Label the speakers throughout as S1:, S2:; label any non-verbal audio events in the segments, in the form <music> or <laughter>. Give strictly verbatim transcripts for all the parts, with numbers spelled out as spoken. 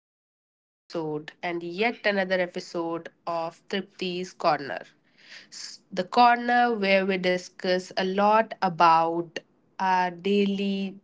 S1: today's episode and yet another episode of Tripti's Corner. S- The corner where we discuss a lot about our daily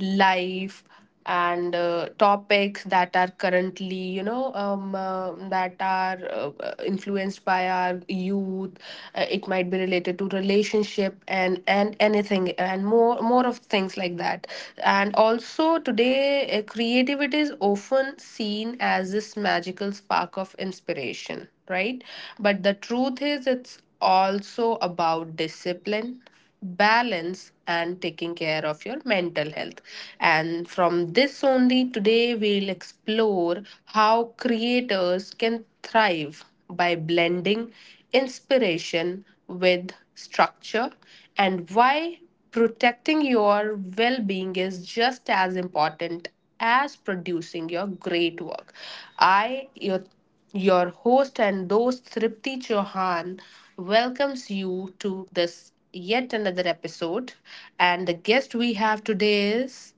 S1: life, and uh, topics that are currently you know um, uh, that are uh, uh, influenced by our youth. Uh, it might be related to relationship and and anything, and more more of things like that. And also today, uh, creativity is often seen as this magical spark of inspiration, right? But the truth is it's also about discipline, balance and taking care of your mental health. And from this only, today we'll explore how creators can thrive by blending inspiration with structure, and why protecting your well being is just as important as producing your great work. I, your your host and host Tripti Chauhan welcomes you to this yet another episode. And the guest we have today is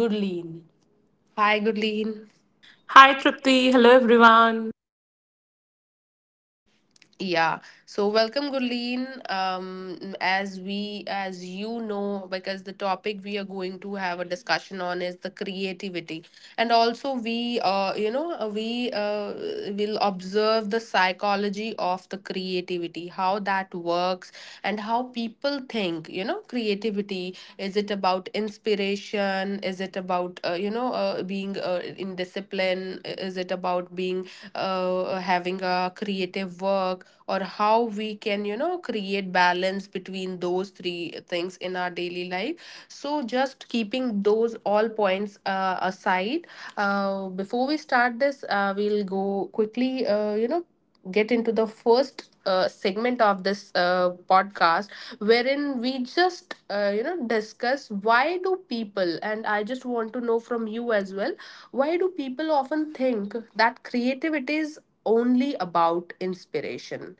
S1: Gurleen. Hi, Gurleen.
S2: Hi Tripti, hello everyone.
S1: Yeah. So welcome, Gurleen. Um, as we, as you know, because the topic we are going to have a discussion on is the creativity, and also we, uh, you know, uh, we uh, will observe the psychology of the creativity, how that works, and how people think. You know, creativity, is it about inspiration? Is it about uh, you know uh, being uh, in discipline? Is it about being uh, having a creative work? Or how we can, you know, create balance between those three things in our daily life? So just keeping those all points uh, aside, uh, before we start this, uh, we'll go quickly, uh, you know get into the first uh, segment of this uh, podcast, wherein we just, uh, you know discuss why do people, and I just want to know from you as well, why do people often think that creativity is only about inspiration.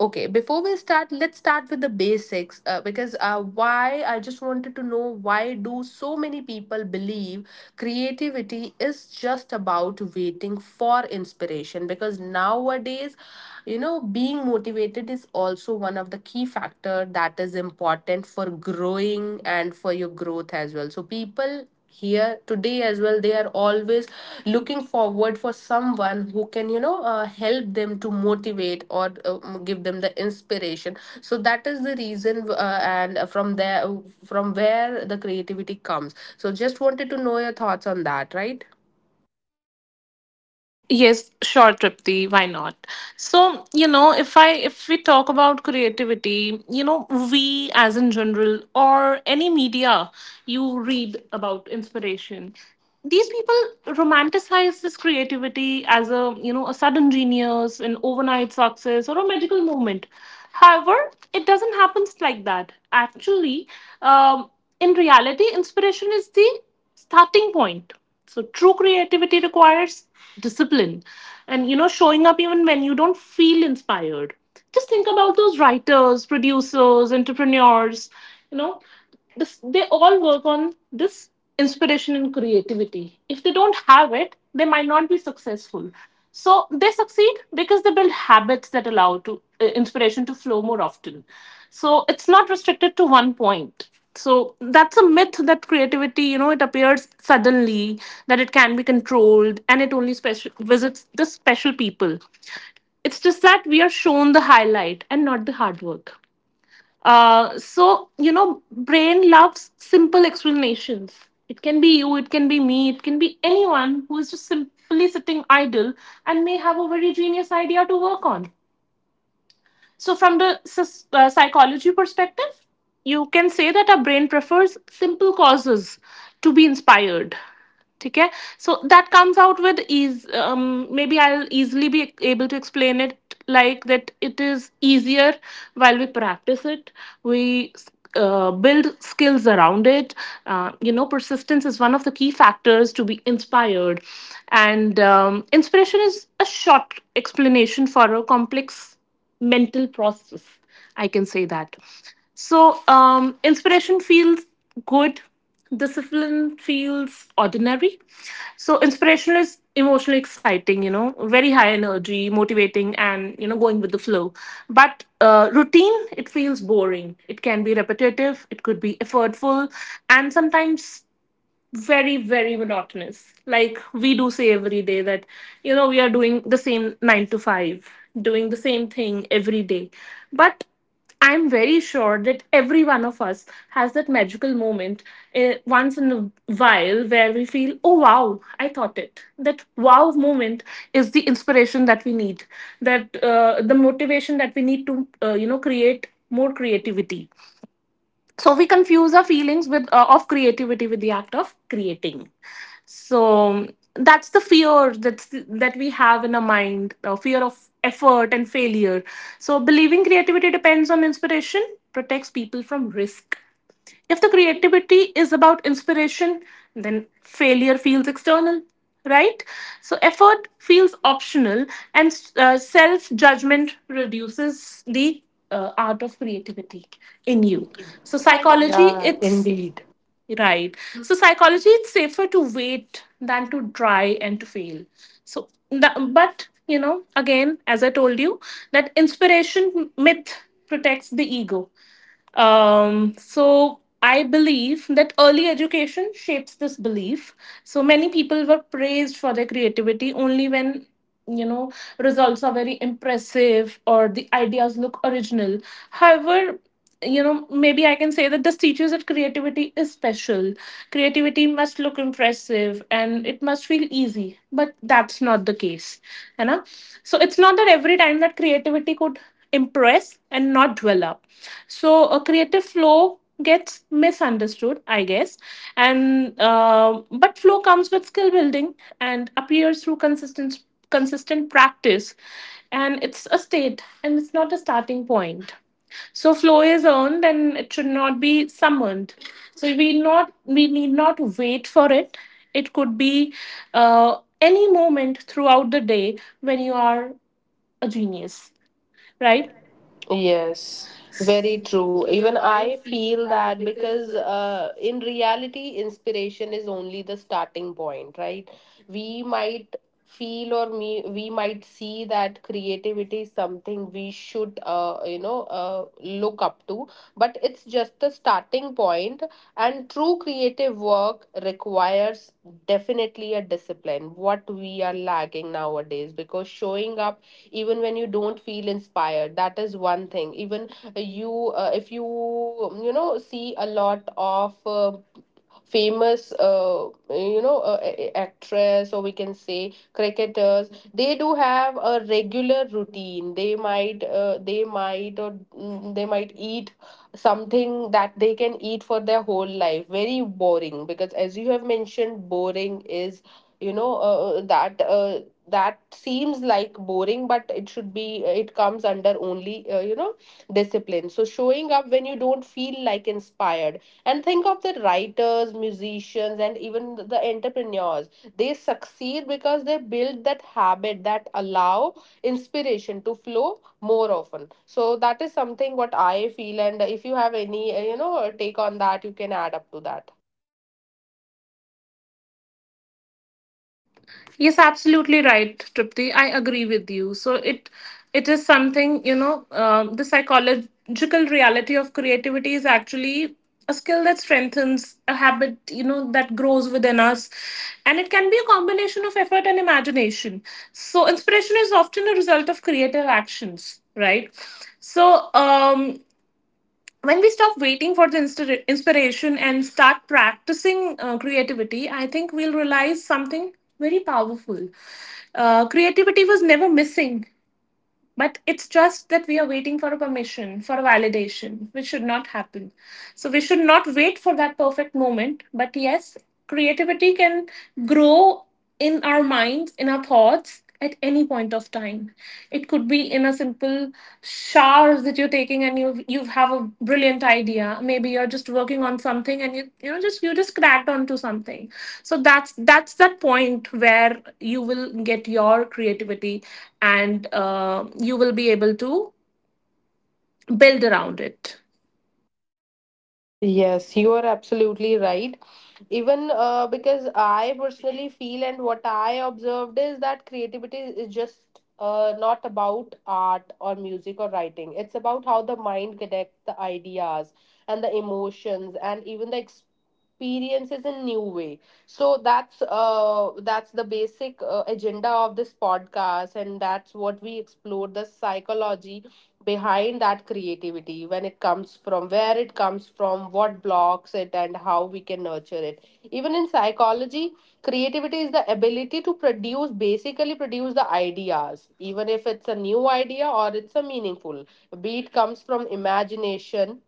S1: Okay, before we start, let's start with the basics. Uh, because uh, why, I just wanted to know, why do so many people believe creativity is just about waiting for inspiration? Because nowadays, you know, being motivated is also one of the key factor that is important for growing and for your growth as well. So people here today as well, they are always looking forward for someone who can, you know, uh, help them to motivate or uh, give them the inspiration. So that is the reason, uh, and from there, from where the creativity comes. So just wanted to know your thoughts on that, right?
S2: Yes, sure Tripti, why not? So, you know, if I if we talk about creativity, you know, we as in general or any media you read about inspiration, these people romanticize this creativity as a, you know, a sudden genius, an overnight success or a magical moment. However, it doesn't happen like that. Actually, um, in reality, inspiration is the starting point. So true creativity requires discipline and you know showing up even when you don't feel inspired. Just think about those writers, producers, entrepreneurs, you know, this, they all work on this inspiration and creativity. If they don't have it, they might not be successful. So they succeed because they build habits that allow to uh, inspiration to flow more often. So it's not restricted to one point. So that's a myth that creativity, you know, it appears suddenly, that it can be controlled, and it only special visits the special people. It's just that we are shown the highlight and not the hard work. Uh, so you know, brain loves simple explanations. It can be you, it can be me, it can be anyone who is just simply sitting idle and may have a very genius idea to work on. So, from the uh, psychology perspective, you can say that our brain prefers simple causes to be inspired. ठीक है, so that comes out with ease. Um, maybe I'll easily be able to explain it like that. It is easier while we practice it. We uh, build skills around it. Uh, you know persistence is one of the key factors to be inspired, and um, inspiration is a short explanation for a complex mental process, I can say that. So, um inspiration feels good, discipline feels ordinary. So inspiration is emotionally exciting, you know very high energy, motivating and you know going with the flow. But uh, routine, it feels boring, it can be repetitive, it could be effortful, and sometimes very very monotonous, like we do say every day that you know we are doing the same nine to five, doing the same thing every day. But I'm very sure that every one of us has that magical moment, uh, once in a while, where we feel, oh wow, I thought it. That wow moment is the inspiration that we need, that uh, the motivation that we need to uh, you know create more creativity. So we confuse our feelings with uh, of creativity with the act of creating. So that's the fear, that's that we have in our mind, uh, fear of effort and failure. So believing creativity depends on inspiration protects people from risk. If the creativity is about inspiration, then failure feels external, right? So effort feels optional, and uh, self judgment reduces the uh, art of creativity in you. So psychology, it's right. So psychology, it's safer to wait than to try and to fail. So, the- but you know, again, as I told you, that inspiration myth protects the ego. Um, so I believe that early education shapes this belief. So many people were praised for their creativity only when you know results are very impressive or the ideas look original. However, you know, maybe I can say that this teaches that creativity is special. Creativity must look impressive and it must feel easy, but that's not the case. You know? So it's not that every time that creativity could impress and not dwell up. So a creative flow gets misunderstood, I guess, and uh, but flow comes with skill building and appears through consistent consistent practice. And it's a state, and it's not a starting point. So flow is earned and it should not be summoned. So we not we need not wait for it. It could be uh, any moment throughout the day when you are a genius, right?
S1: Yes, very true. Even I feel that because uh, in reality, inspiration is only the starting point, right? We might feel or me we might see that creativity is something we should, uh, you know uh, look up to, but it's just the starting point point. And true creative work requires definitely a discipline, what we are lacking nowadays, because showing up even when you don't feel inspired, that is one thing. Even uh, you uh, if you, you know, see a lot of uh, famous uh, you know uh, a- a- actress, or we can say cricketers, they do have a regular routine. They might uh, they might or mm, they might eat something that they can eat for their whole life, very boring. Because as you have mentioned, boring is, you know uh, uh, that uh, that seems like boring, but it should be, uh, it comes under only, uh, you know, discipline. So showing up when you don't feel like inspired, and think of the writers, musicians, and even the entrepreneurs. They succeed because they build that habit that allow inspiration to flow more often. So that is something what I feel. And if you have any, uh, you know, take on that, you can add up to that.
S2: Yes, absolutely right, Tripti. I agree with you. So it it is something you know. Um, the psychological reality of creativity is actually a skill that strengthens a habit. You know, that grows within us, and it can be a combination of effort and imagination. So inspiration is often a result of creative actions, right? So, um, when we stop waiting for the insta- inspiration and start practicing uh, creativity, I think we'll realize something very powerful. Uh, creativity was never missing, but it's just that we are waiting for a permission, for a validation, which should not happen. So we should not wait for that perfect moment. But yes, creativity can grow in our minds, in our thoughts at any point of time. It could be in a simple multiple showers that you're taking, and you you have a brilliant idea. Maybe you're just working on something, and you you know just you just cracked onto something. So that's that's that point where you will get your creativity, and uh, you will be able to build around it.
S1: Yes, you are absolutely right. Even uh, because I personally feel, and what I observed is that creativity is just, uh, not about art or music or writing. It's about how the mind connects the ideas and the emotions and even the experiences in new way. So that's uh, that's the basic uh, agenda of this podcast, and that's what we explore, the psychology behind that creativity, when it comes, from where it comes, from what blocks it, and how we can nurture it. Even in psychology, creativity is the ability to produce, basically produce the ideas, even if it's a new idea or it's a meaningful, be it comes from imagination.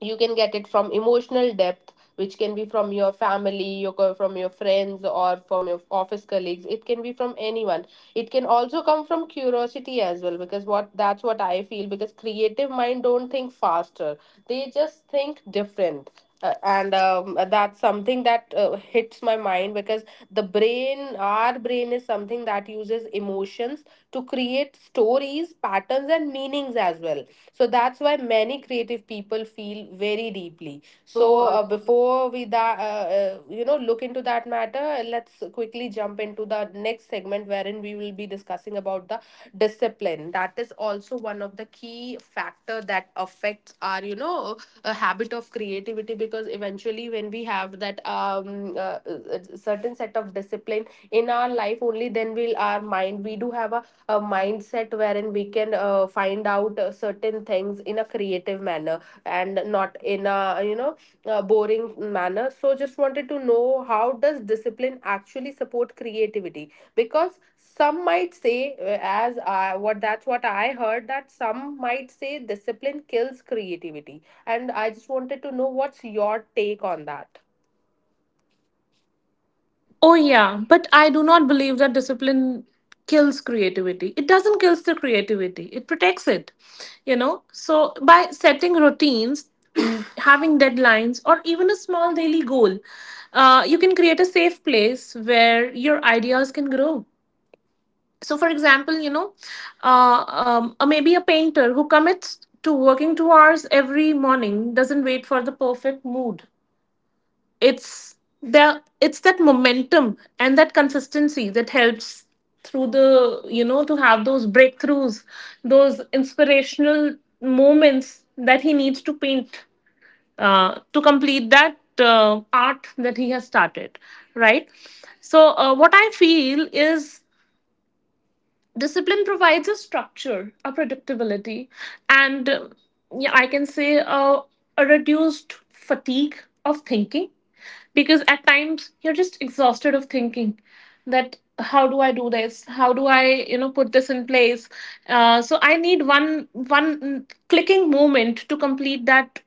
S1: You can get it from emotional depth, which can be from your family, your co- from your friends or from your office colleagues. It can be from anyone. It can also come from curiosity as well, because what, that's what I feel, because creative mind don't think faster, they just think different. Uh, and um, That's something that uh, hits my mind, because the brain our brain is something that uses emotions to create stories, patterns and meanings as well. So that's why many creative people feel very deeply. So uh, before we that uh, uh, you know look into that matter, let's quickly jump into the next segment, wherein we will be discussing about the discipline, that is also one of the key factor that affects our, you know, a habit of creativity. Because eventually, when we have that um uh, uh, certain set of discipline in our life, only then will our mind, we do have a a mindset, wherein we can uh, find out uh, certain things in a creative manner, and not in a, you know, uh, boring manner. So just wanted to know, how does discipline actually support creativity? Because some might say, uh, as I, what that's what I heard, that some might say discipline kills creativity, and I just wanted to know what's your take on that.
S2: Oh, yeah, but I do not believe that discipline kills creativity. It doesn't kills the creativity, it protects it, you know. So, by setting routines, <clears throat> having deadlines, or even a small daily goal, uh, you can create a safe place where your ideas can grow. So, for example, you know, uh, um, uh, maybe a painter who commits to working two hours every morning doesn't wait for the perfect mood. It's that it's that momentum and that consistency that helps through the you know to have those breakthroughs, those inspirational moments that he needs to paint, uh, to complete that uh, art that he has started, right? So uh, what I feel is, discipline provides a structure, a predictability, and um, yeah, I can say uh, a reduced fatigue of thinking, because at times you're just exhausted of thinking that how do I do this, how do I you know put this in place. Uh, so I need one one clicking moment to complete that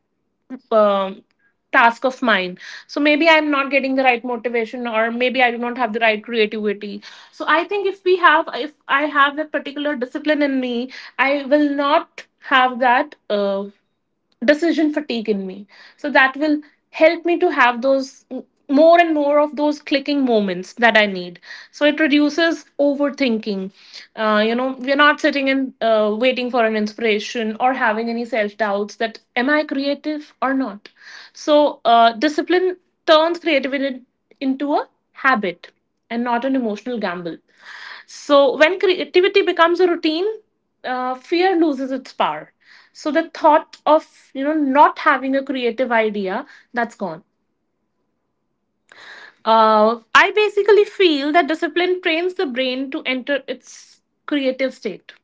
S2: um, task of mine. So maybe I'm not getting the right motivation, or maybe I do not have the right creativity. So I think if we have if i have that particular discipline in me, I will not have that uh, decision fatigue in me. So that will help me to have those more and more of those clicking moments that I need. So it reduces overthinking. Uh, you know we're not sitting and uh, waiting for an inspiration or having any self doubts that am I creative or not. So uh, discipline turns creativity into a habit and not an emotional gamble. So when creativity becomes a routine, uh, fear loses its power. So the thought of you know not having a creative idea, that's gone. uh, I basically feel that discipline trains the brain to enter its creative state.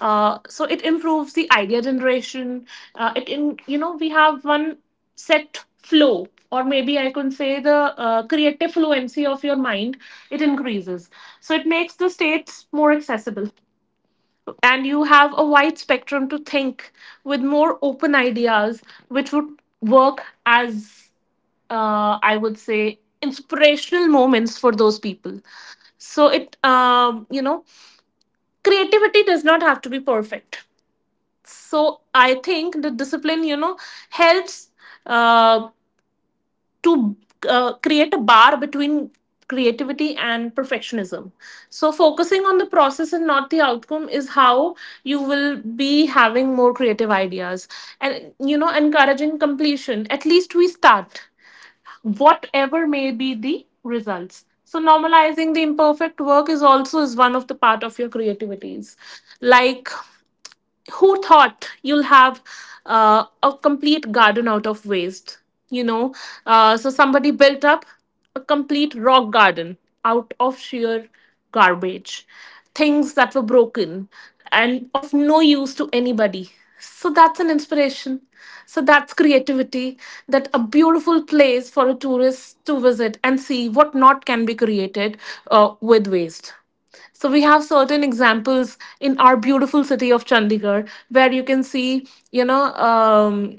S2: uh, So it improves the idea generation. Uh, it in you know We have one set flow, or maybe I can say the uh, creative fluency of your mind, it increases. So it makes the states more accessible, and you have a wide spectrum to think with more open ideas, which would work as, uh, I would say, inspirational moments for those people. So it, um, you know, creativity does not have to be perfect. So I think the discipline, you know, helps. Uh, to uh, create a bar between creativity and perfectionism, so focusing on the process and not the outcome is how you will be having more creative ideas. And you know encouraging completion, at least we start, whatever may be the results. So normalizing the imperfect work is also is one of the part of your creativities. Like, who thought you'll have uh, a complete garden out of waste you know uh, so somebody built up a complete rock garden out of sheer garbage, things that were broken and of no use to anybody. So that's an inspiration. So that's creativity, that a beautiful place for a tourist to visit and see what not can be created uh, with waste. So we have certain examples in our beautiful city of Chandigarh where you can see, you know, um,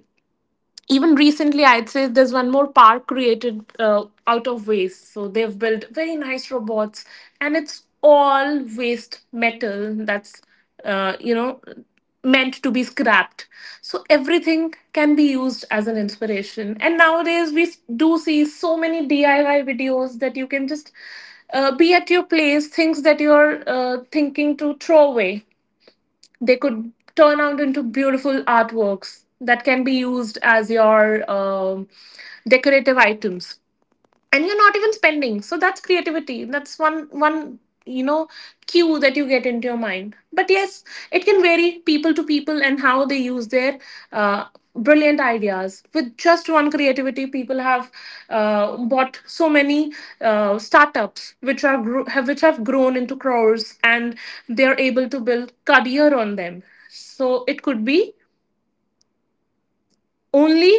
S2: even recently, I'd say, there's one more park created uh, out of waste. So they've built very nice robots, and it's all waste metal that's uh, you know meant to be scrapped. So everything can be used as an inspiration. And nowadays, we s- do see so many D I Y videos, that you can just uh, be at your place, things that you're uh, thinking to throw away, they could turn out into beautiful artworks that can be used as your um decorative items. And you're not even spending. So that's creativity. That's one one you know cue that you get into your mind. But yes, it can vary people to people and how they use their uh, brilliant ideas. With just one creativity, people have uh, bought so many uh, startups which are gro- have which have grown into crores, and they're able to build career on them. So It could be only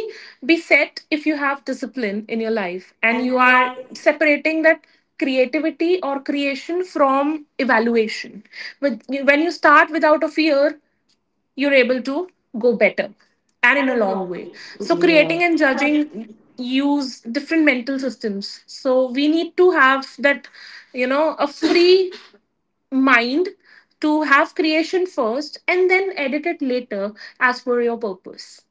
S2: be set if you have discipline in your life and you are separating that creativity or creation from evaluation. But When you start without a fear, you're able to go better and in a long way. So, creating and judging use different mental systems. So, we need to have that, you know, a free mind to have creation first and then edit it later as per your purpose.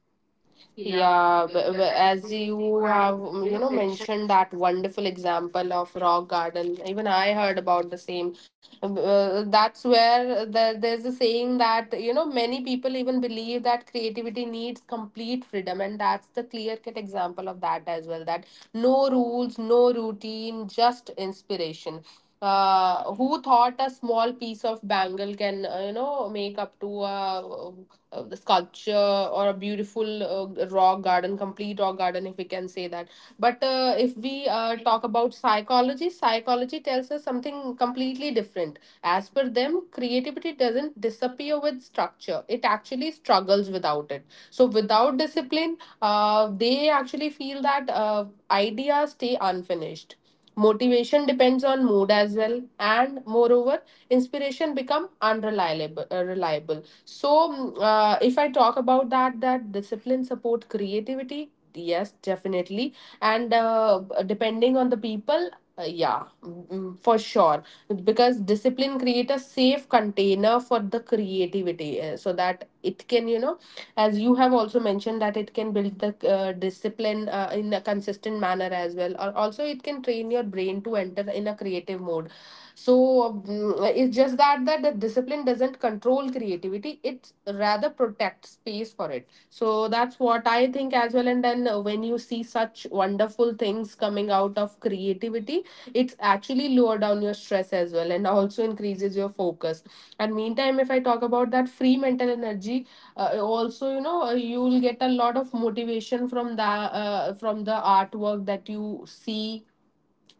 S1: Yeah, but, but as you have, mm, you know, mentioned that wonderful example of rock garden, even I heard about the same. Um, Uh, that's where there, there's a saying that, you know, many people even believe that creativity needs complete freedom, and that's the clear-cut example of that as well, that no rules, no routine, just inspiration. Uh, who thought a small piece of bangle can, uh, you know, make up to a uh, the sculpture, or a beautiful uh, raw garden, complete raw garden, if we can say that. But uh, if we uh, talk about psychology, psychology tells us something completely different. As per them, creativity doesn't disappear with structure, it actually struggles without it. So without discipline, uh, they actually feel that uh, ideas stay unfinished, motivation depends on mood as well, and moreover inspiration become unreliable uh, reliable. So mm, uh, if I talk about that, that discipline support creativity, yes, definitely. And uh, depending on the people, uh, yeah mm, mm, for sure. Because discipline create a safe container for the creativity, uh, so that it can, you know, as you have also mentioned, that it can build the uh, discipline uh, in a consistent manner as well. Or also it can train your brain to enter in a creative mode. So mm, it's just that that the discipline doesn't control creativity, it rather protects space for it. So that's what I think as well. And then uh, when you see such wonderful things coming out of creativity, it's actually lower down your stress as well, and also increases your focus. And meantime, if I talk about that free mental energy, uh, also, you know, uh, you'll get a lot of motivation from the uh, from the artwork that you see,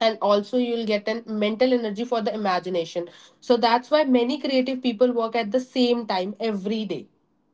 S1: and also you'll get an mental energy for the imagination. So that's why many creative people work at the same time every day.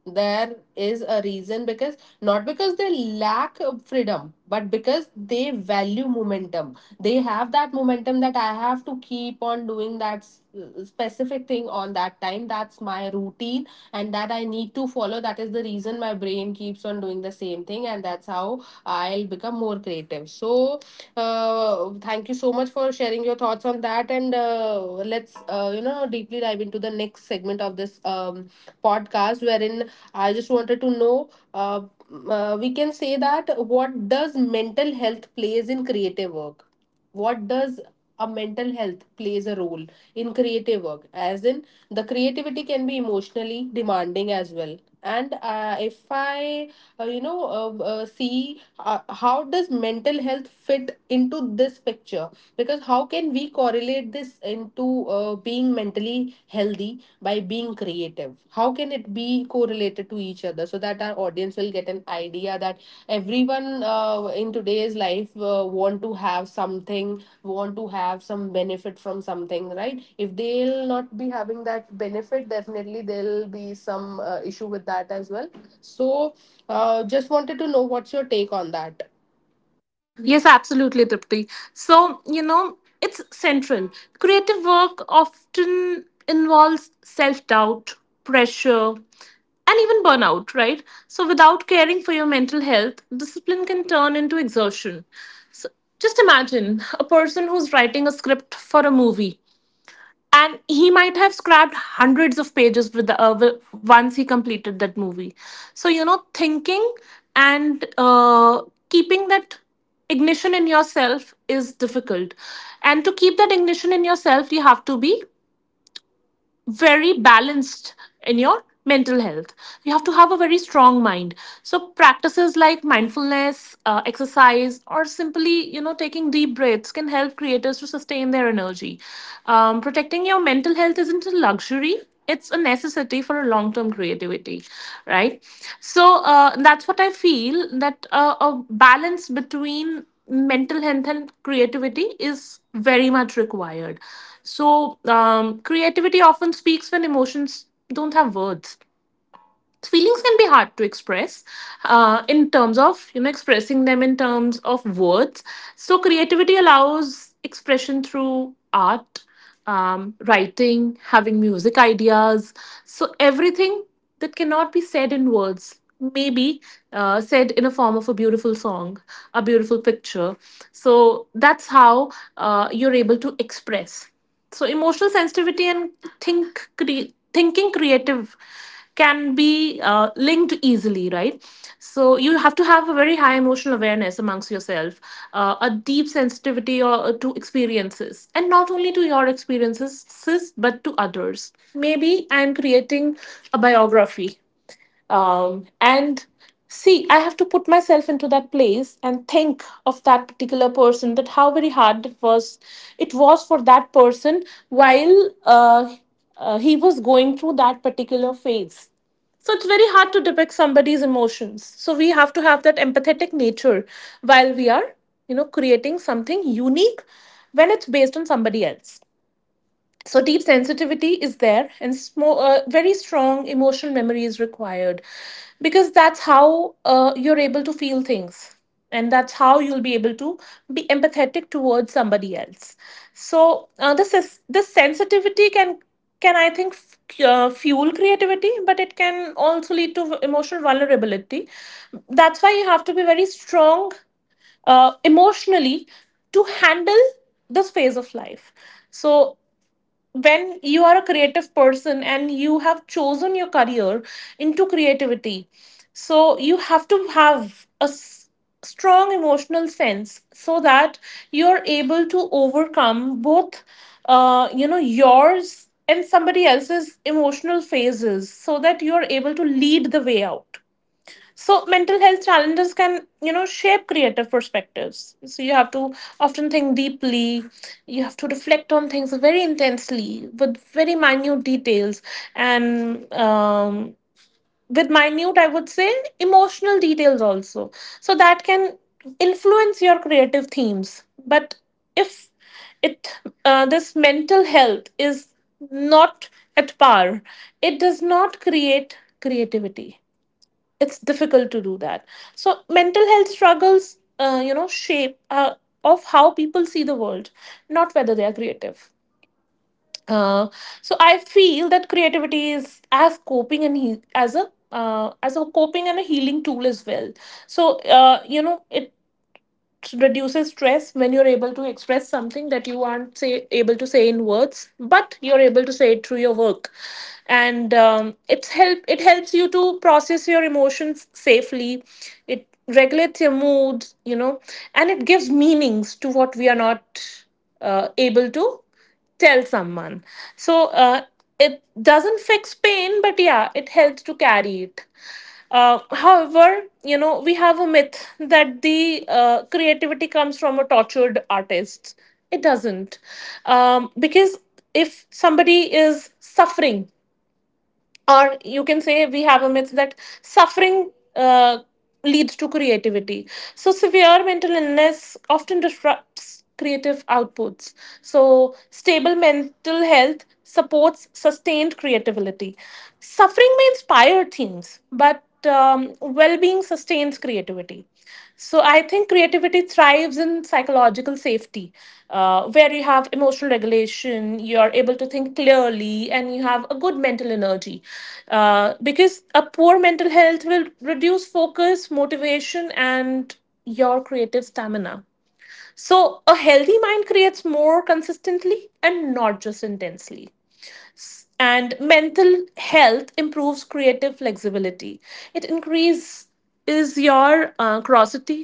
S1: There is a reason, because not because they lack of freedom, but because they value momentum. They have that momentum, that I have to keep on doing that s- specific thing on that time, that's my routine, and that I need to follow. That is the reason my brain keeps on doing the same thing, and that's how I'll become more creative. So uh, thank you so much for sharing your thoughts on that. And uh, let's, uh, you know, deeply dive into the next segment of this um, podcast, wherein I just wanted to know, uh, uh, we can say that, what does mental health plays in creative work? What does a mental health plays a role in creative work? As in, the creativity can be emotionally demanding as well. And uh, if I, uh, you know, uh, uh, see uh, how does mental health fit into this picture? Because how can we correlate this into uh, being mentally healthy by being creative, how can it be correlated to each other so that our audience will get an idea that everyone, uh, in today's life, uh, want to have something, want to have some benefit from something, right? If they'll not be having that benefit, definitely there'll be some uh, issue with that as well. So uh, just wanted to know what's your take on that.
S2: Yes, absolutely, Tripti. So, you know, it's central. Creative work often involves self doubt, pressure, and even burnout, right? So, without caring for your mental health, discipline can turn into exertion. Just imagine a person who's writing a script for a movie, and he might have scrapped hundreds of pages with the uh, wi- once he completed that movie. So you know, thinking and uh, keeping that ignition in yourself is difficult, and to keep that ignition in yourself you have to be very balanced in your mental health. You have to have a very strong mind. So practices like mindfulness, uh, exercise, or simply you know taking deep breaths can help creators to sustain their energy. Um, protecting your mental health isn't a luxury. It's a necessity for a long-term creativity, right? So uh, that's what I feel, that uh, a balance between mental health and creativity is very much required. So, um, creativity often speaks when emotions don't have words. Feelings can be hard to express, uh, in terms of you know expressing them in terms of words. So creativity allows expression through art, um, writing, having music ideas. So everything that cannot be said in words may be uh, said in a form of a beautiful song, a beautiful picture. So that's how uh, you're able to express. So emotional sensitivity and think cre- thinking creative can be uh, linked easily, right? So you have to have a very high emotional awareness amongst yourself, uh, a deep sensitivity or, uh, to experiences, and not only to your experiences sis, but to others. Maybe I'm creating a biography, um, and see, I have to put myself into that place and think of that particular person, that how very hard it was, it was for that person while uh, uh, he was going through that particular phase. So it's very hard to depict somebody's emotions. So we have to have that empathetic nature while we are, you know, creating something unique when it's based on somebody else. So deep sensitivity is there, and smo- uh, very strong emotional memory is required, because that's how uh, you're able to feel things, and that's how you'll be able to be empathetic towards somebody else. So uh, this is this sensitivity can can i think f- uh, fuel creativity, but it can also lead to emotional vulnerability. That's why you have to be very strong uh, emotionally to handle this phase of life. So when you are a creative person and you have chosen your career into creativity, so you have to have a s- strong emotional sense so that you are able to overcome both uh, you know yours and somebody else's emotional phases, so that you are able to lead the way out. So mental health challenges can you know shape creative perspectives. So you have to often think deeply. You have to reflect on things very intensely with very minute details, and um, with minute I would say emotional details also. So that can influence your creative themes. But if it uh, this mental health is not at par, it does not create creativity. It's difficult to do that. So mental health struggles uh, you know shape uh, of how people see the world, not whether they are creative. uh, so I feel that creativity is as coping and he- as a uh, as a coping and a healing tool as well. So uh, you know it reduces stress when you're able to express something that you aren't say, able to say in words, but you're able to say it through your work. And um, it's help it helps you to process your emotions safely. It regulates your mood you know, and it gives meanings to what we are not uh, able to tell someone. So uh, it doesn't fix pain, but yeah it helps to carry it. Uh, however, you know, we have a myth that the uh, creativity comes from a tortured artist. It doesn't. Um, because if somebody is suffering, or you can say we have a myth that suffering uh, leads to creativity. So, severe mental illness often disrupts creative outputs. So, stable mental health supports sustained creativity. Suffering may inspire themes, but um, well-being sustains creativity. So I think creativity thrives in psychological safety, uh, where you have emotional regulation, you're able to think clearly, and you have a good mental energy. Uh, because a poor mental health will reduce focus, motivation, and your creative stamina. So a healthy mind creates more consistently and not just intensely. And mental health improves creative flexibility. It increases your uh, curiosity,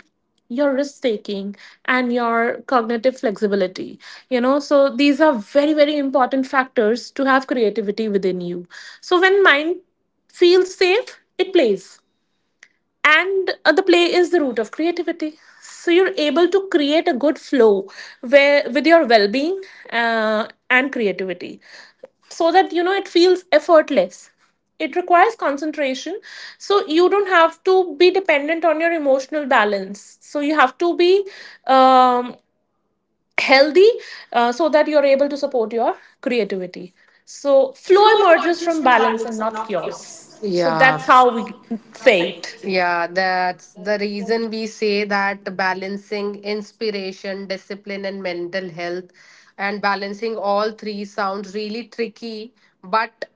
S2: your risk taking, and your cognitive flexibility, you know. So these are very very important factors to have creativity within you. So when mind feels safe, it plays, and uh, the play is the root of creativity. So you're able to create a good flow where with your well-being uh, and creativity, so that you know it feels effortless. It requires concentration. So you don't have to be dependent on your emotional balance. So you have to be um, healthy, uh, so that you're able to support your creativity. So flow emerges from balance and not chaos. So that's
S1: Yeah.
S2: how we say it.
S1: Yeah, that's the reason we say that balancing inspiration, discipline, and mental health, and balancing all three sounds really tricky, but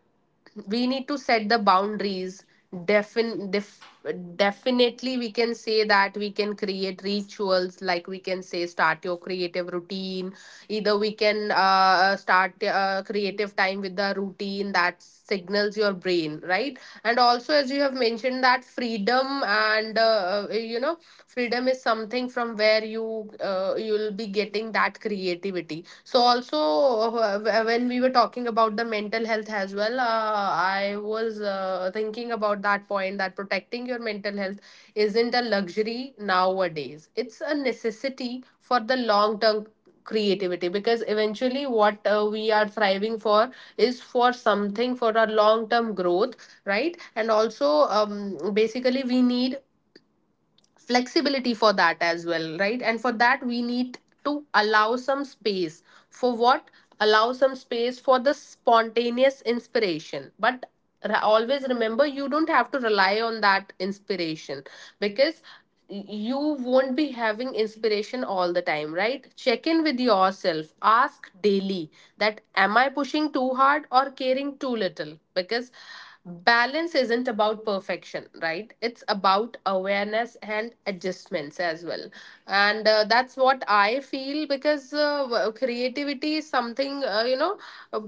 S1: we need to set the boundaries. Defin- def- Definitely, we can say that we can create rituals, like we can say, start your creative routine. Either we can uh, start uh, creative time with the routine that signals your brain, right? And also, as you have mentioned, that freedom and uh, uh, you know, freedom is something from where you uh, you'll be getting that creativity. So also uh, wh- when we were talking about the mental health as well, uh, I was uh, thinking about that point that protecting your mental health isn't a luxury nowadays, it's a necessity for the long term creativity, because eventually what uh, we are thriving for is for something for our long term growth, right? And also, um, basically we need flexibility for that as well, right? And for that, we need to allow some space. For what? Allow some space for the spontaneous inspiration. But always remember, you don't have to rely on that inspiration, because you won't be having inspiration all the time, right? Check in with yourself, ask daily that am I pushing too hard or caring too little, because balance isn't about perfection, right? It's about awareness and adjustments as well. And uh, that's what I feel, because uh, w- creativity is something, uh, you know uh,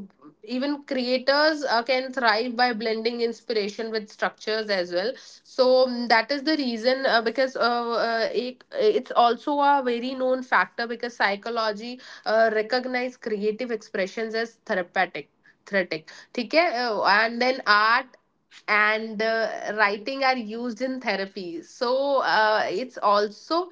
S1: even creators uh, can thrive by blending inspiration with structures as well. So mm, that is the reason, uh, because uh, uh, it, it's also a very known factor because psychology uh, recognize creative expressions as therapeutic. Therapeutic, okay. And then art and uh, writing are used in therapy, so ah, it's also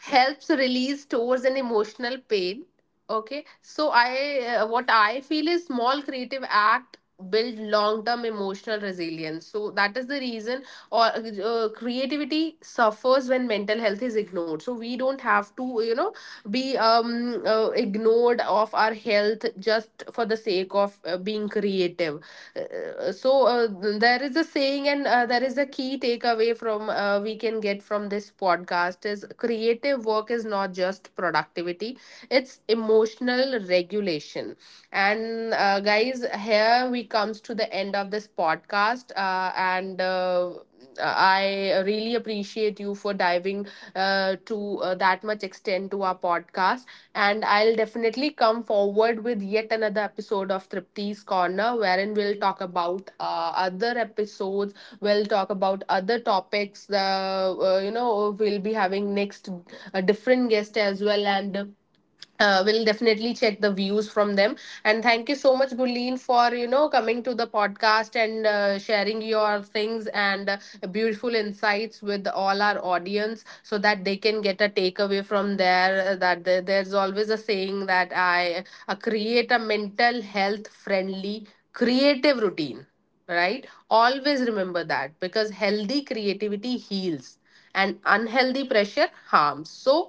S1: helps release towards an emotional pain. Okay, so I, uh, what I feel is small creative act build long term emotional resilience. So that is the reason, or uh, creativity suffers when mental health is ignored. So we don't have to, you know, be um uh, ignored of our health just for the sake of uh, being creative. Uh, so uh, there is a saying, and uh, there is a key takeaway from uh, we can get from this podcast is creative work is not just productivity, it's is emotional regulation. And uh, guys, here we comes to the end of this podcast, uh, and uh, I really appreciate you for diving uh, to uh, that much extent to our podcast. And I'll definitely come forward with yet another episode of Tripti's corner, wherein we'll talk about uh, other episodes, we'll talk about other topics. Uh, uh, you know, we'll be having next a different guest as well, and uh, we'll definitely check the views from them. And thank you so much, Guleen, for, you know, coming to the podcast and uh, sharing your things and uh, beautiful insights with all our audience, so that they can get a takeaway from there. Uh, that there- there's always a saying that i, uh, create a mental health friendly creative routine, right? Always remember that, because healthy creativity heals and unhealthy pressure harms. So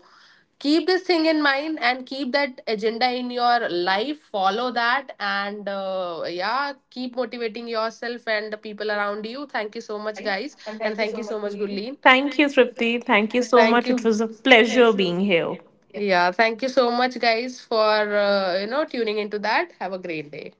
S1: keep this thing in mind and keep that agenda in your life, follow that. And uh, yeah, keep motivating yourself and the people around you. Thank you so much, guys, and thank you so much, Gurleen.
S2: Thank
S1: Thank
S2: you,
S1: you,
S2: Tripti.
S1: Prithvi.
S2: Thank you so
S1: Thank
S2: much.
S1: you. Thank you so
S2: It
S1: much.
S2: was
S1: It
S2: a
S1: was a
S2: pleasure
S1: pleasure
S2: being
S1: being
S2: here.
S1: here. Yeah, thank you so much, guys, for uh, you know, tuning into that. Have a great day.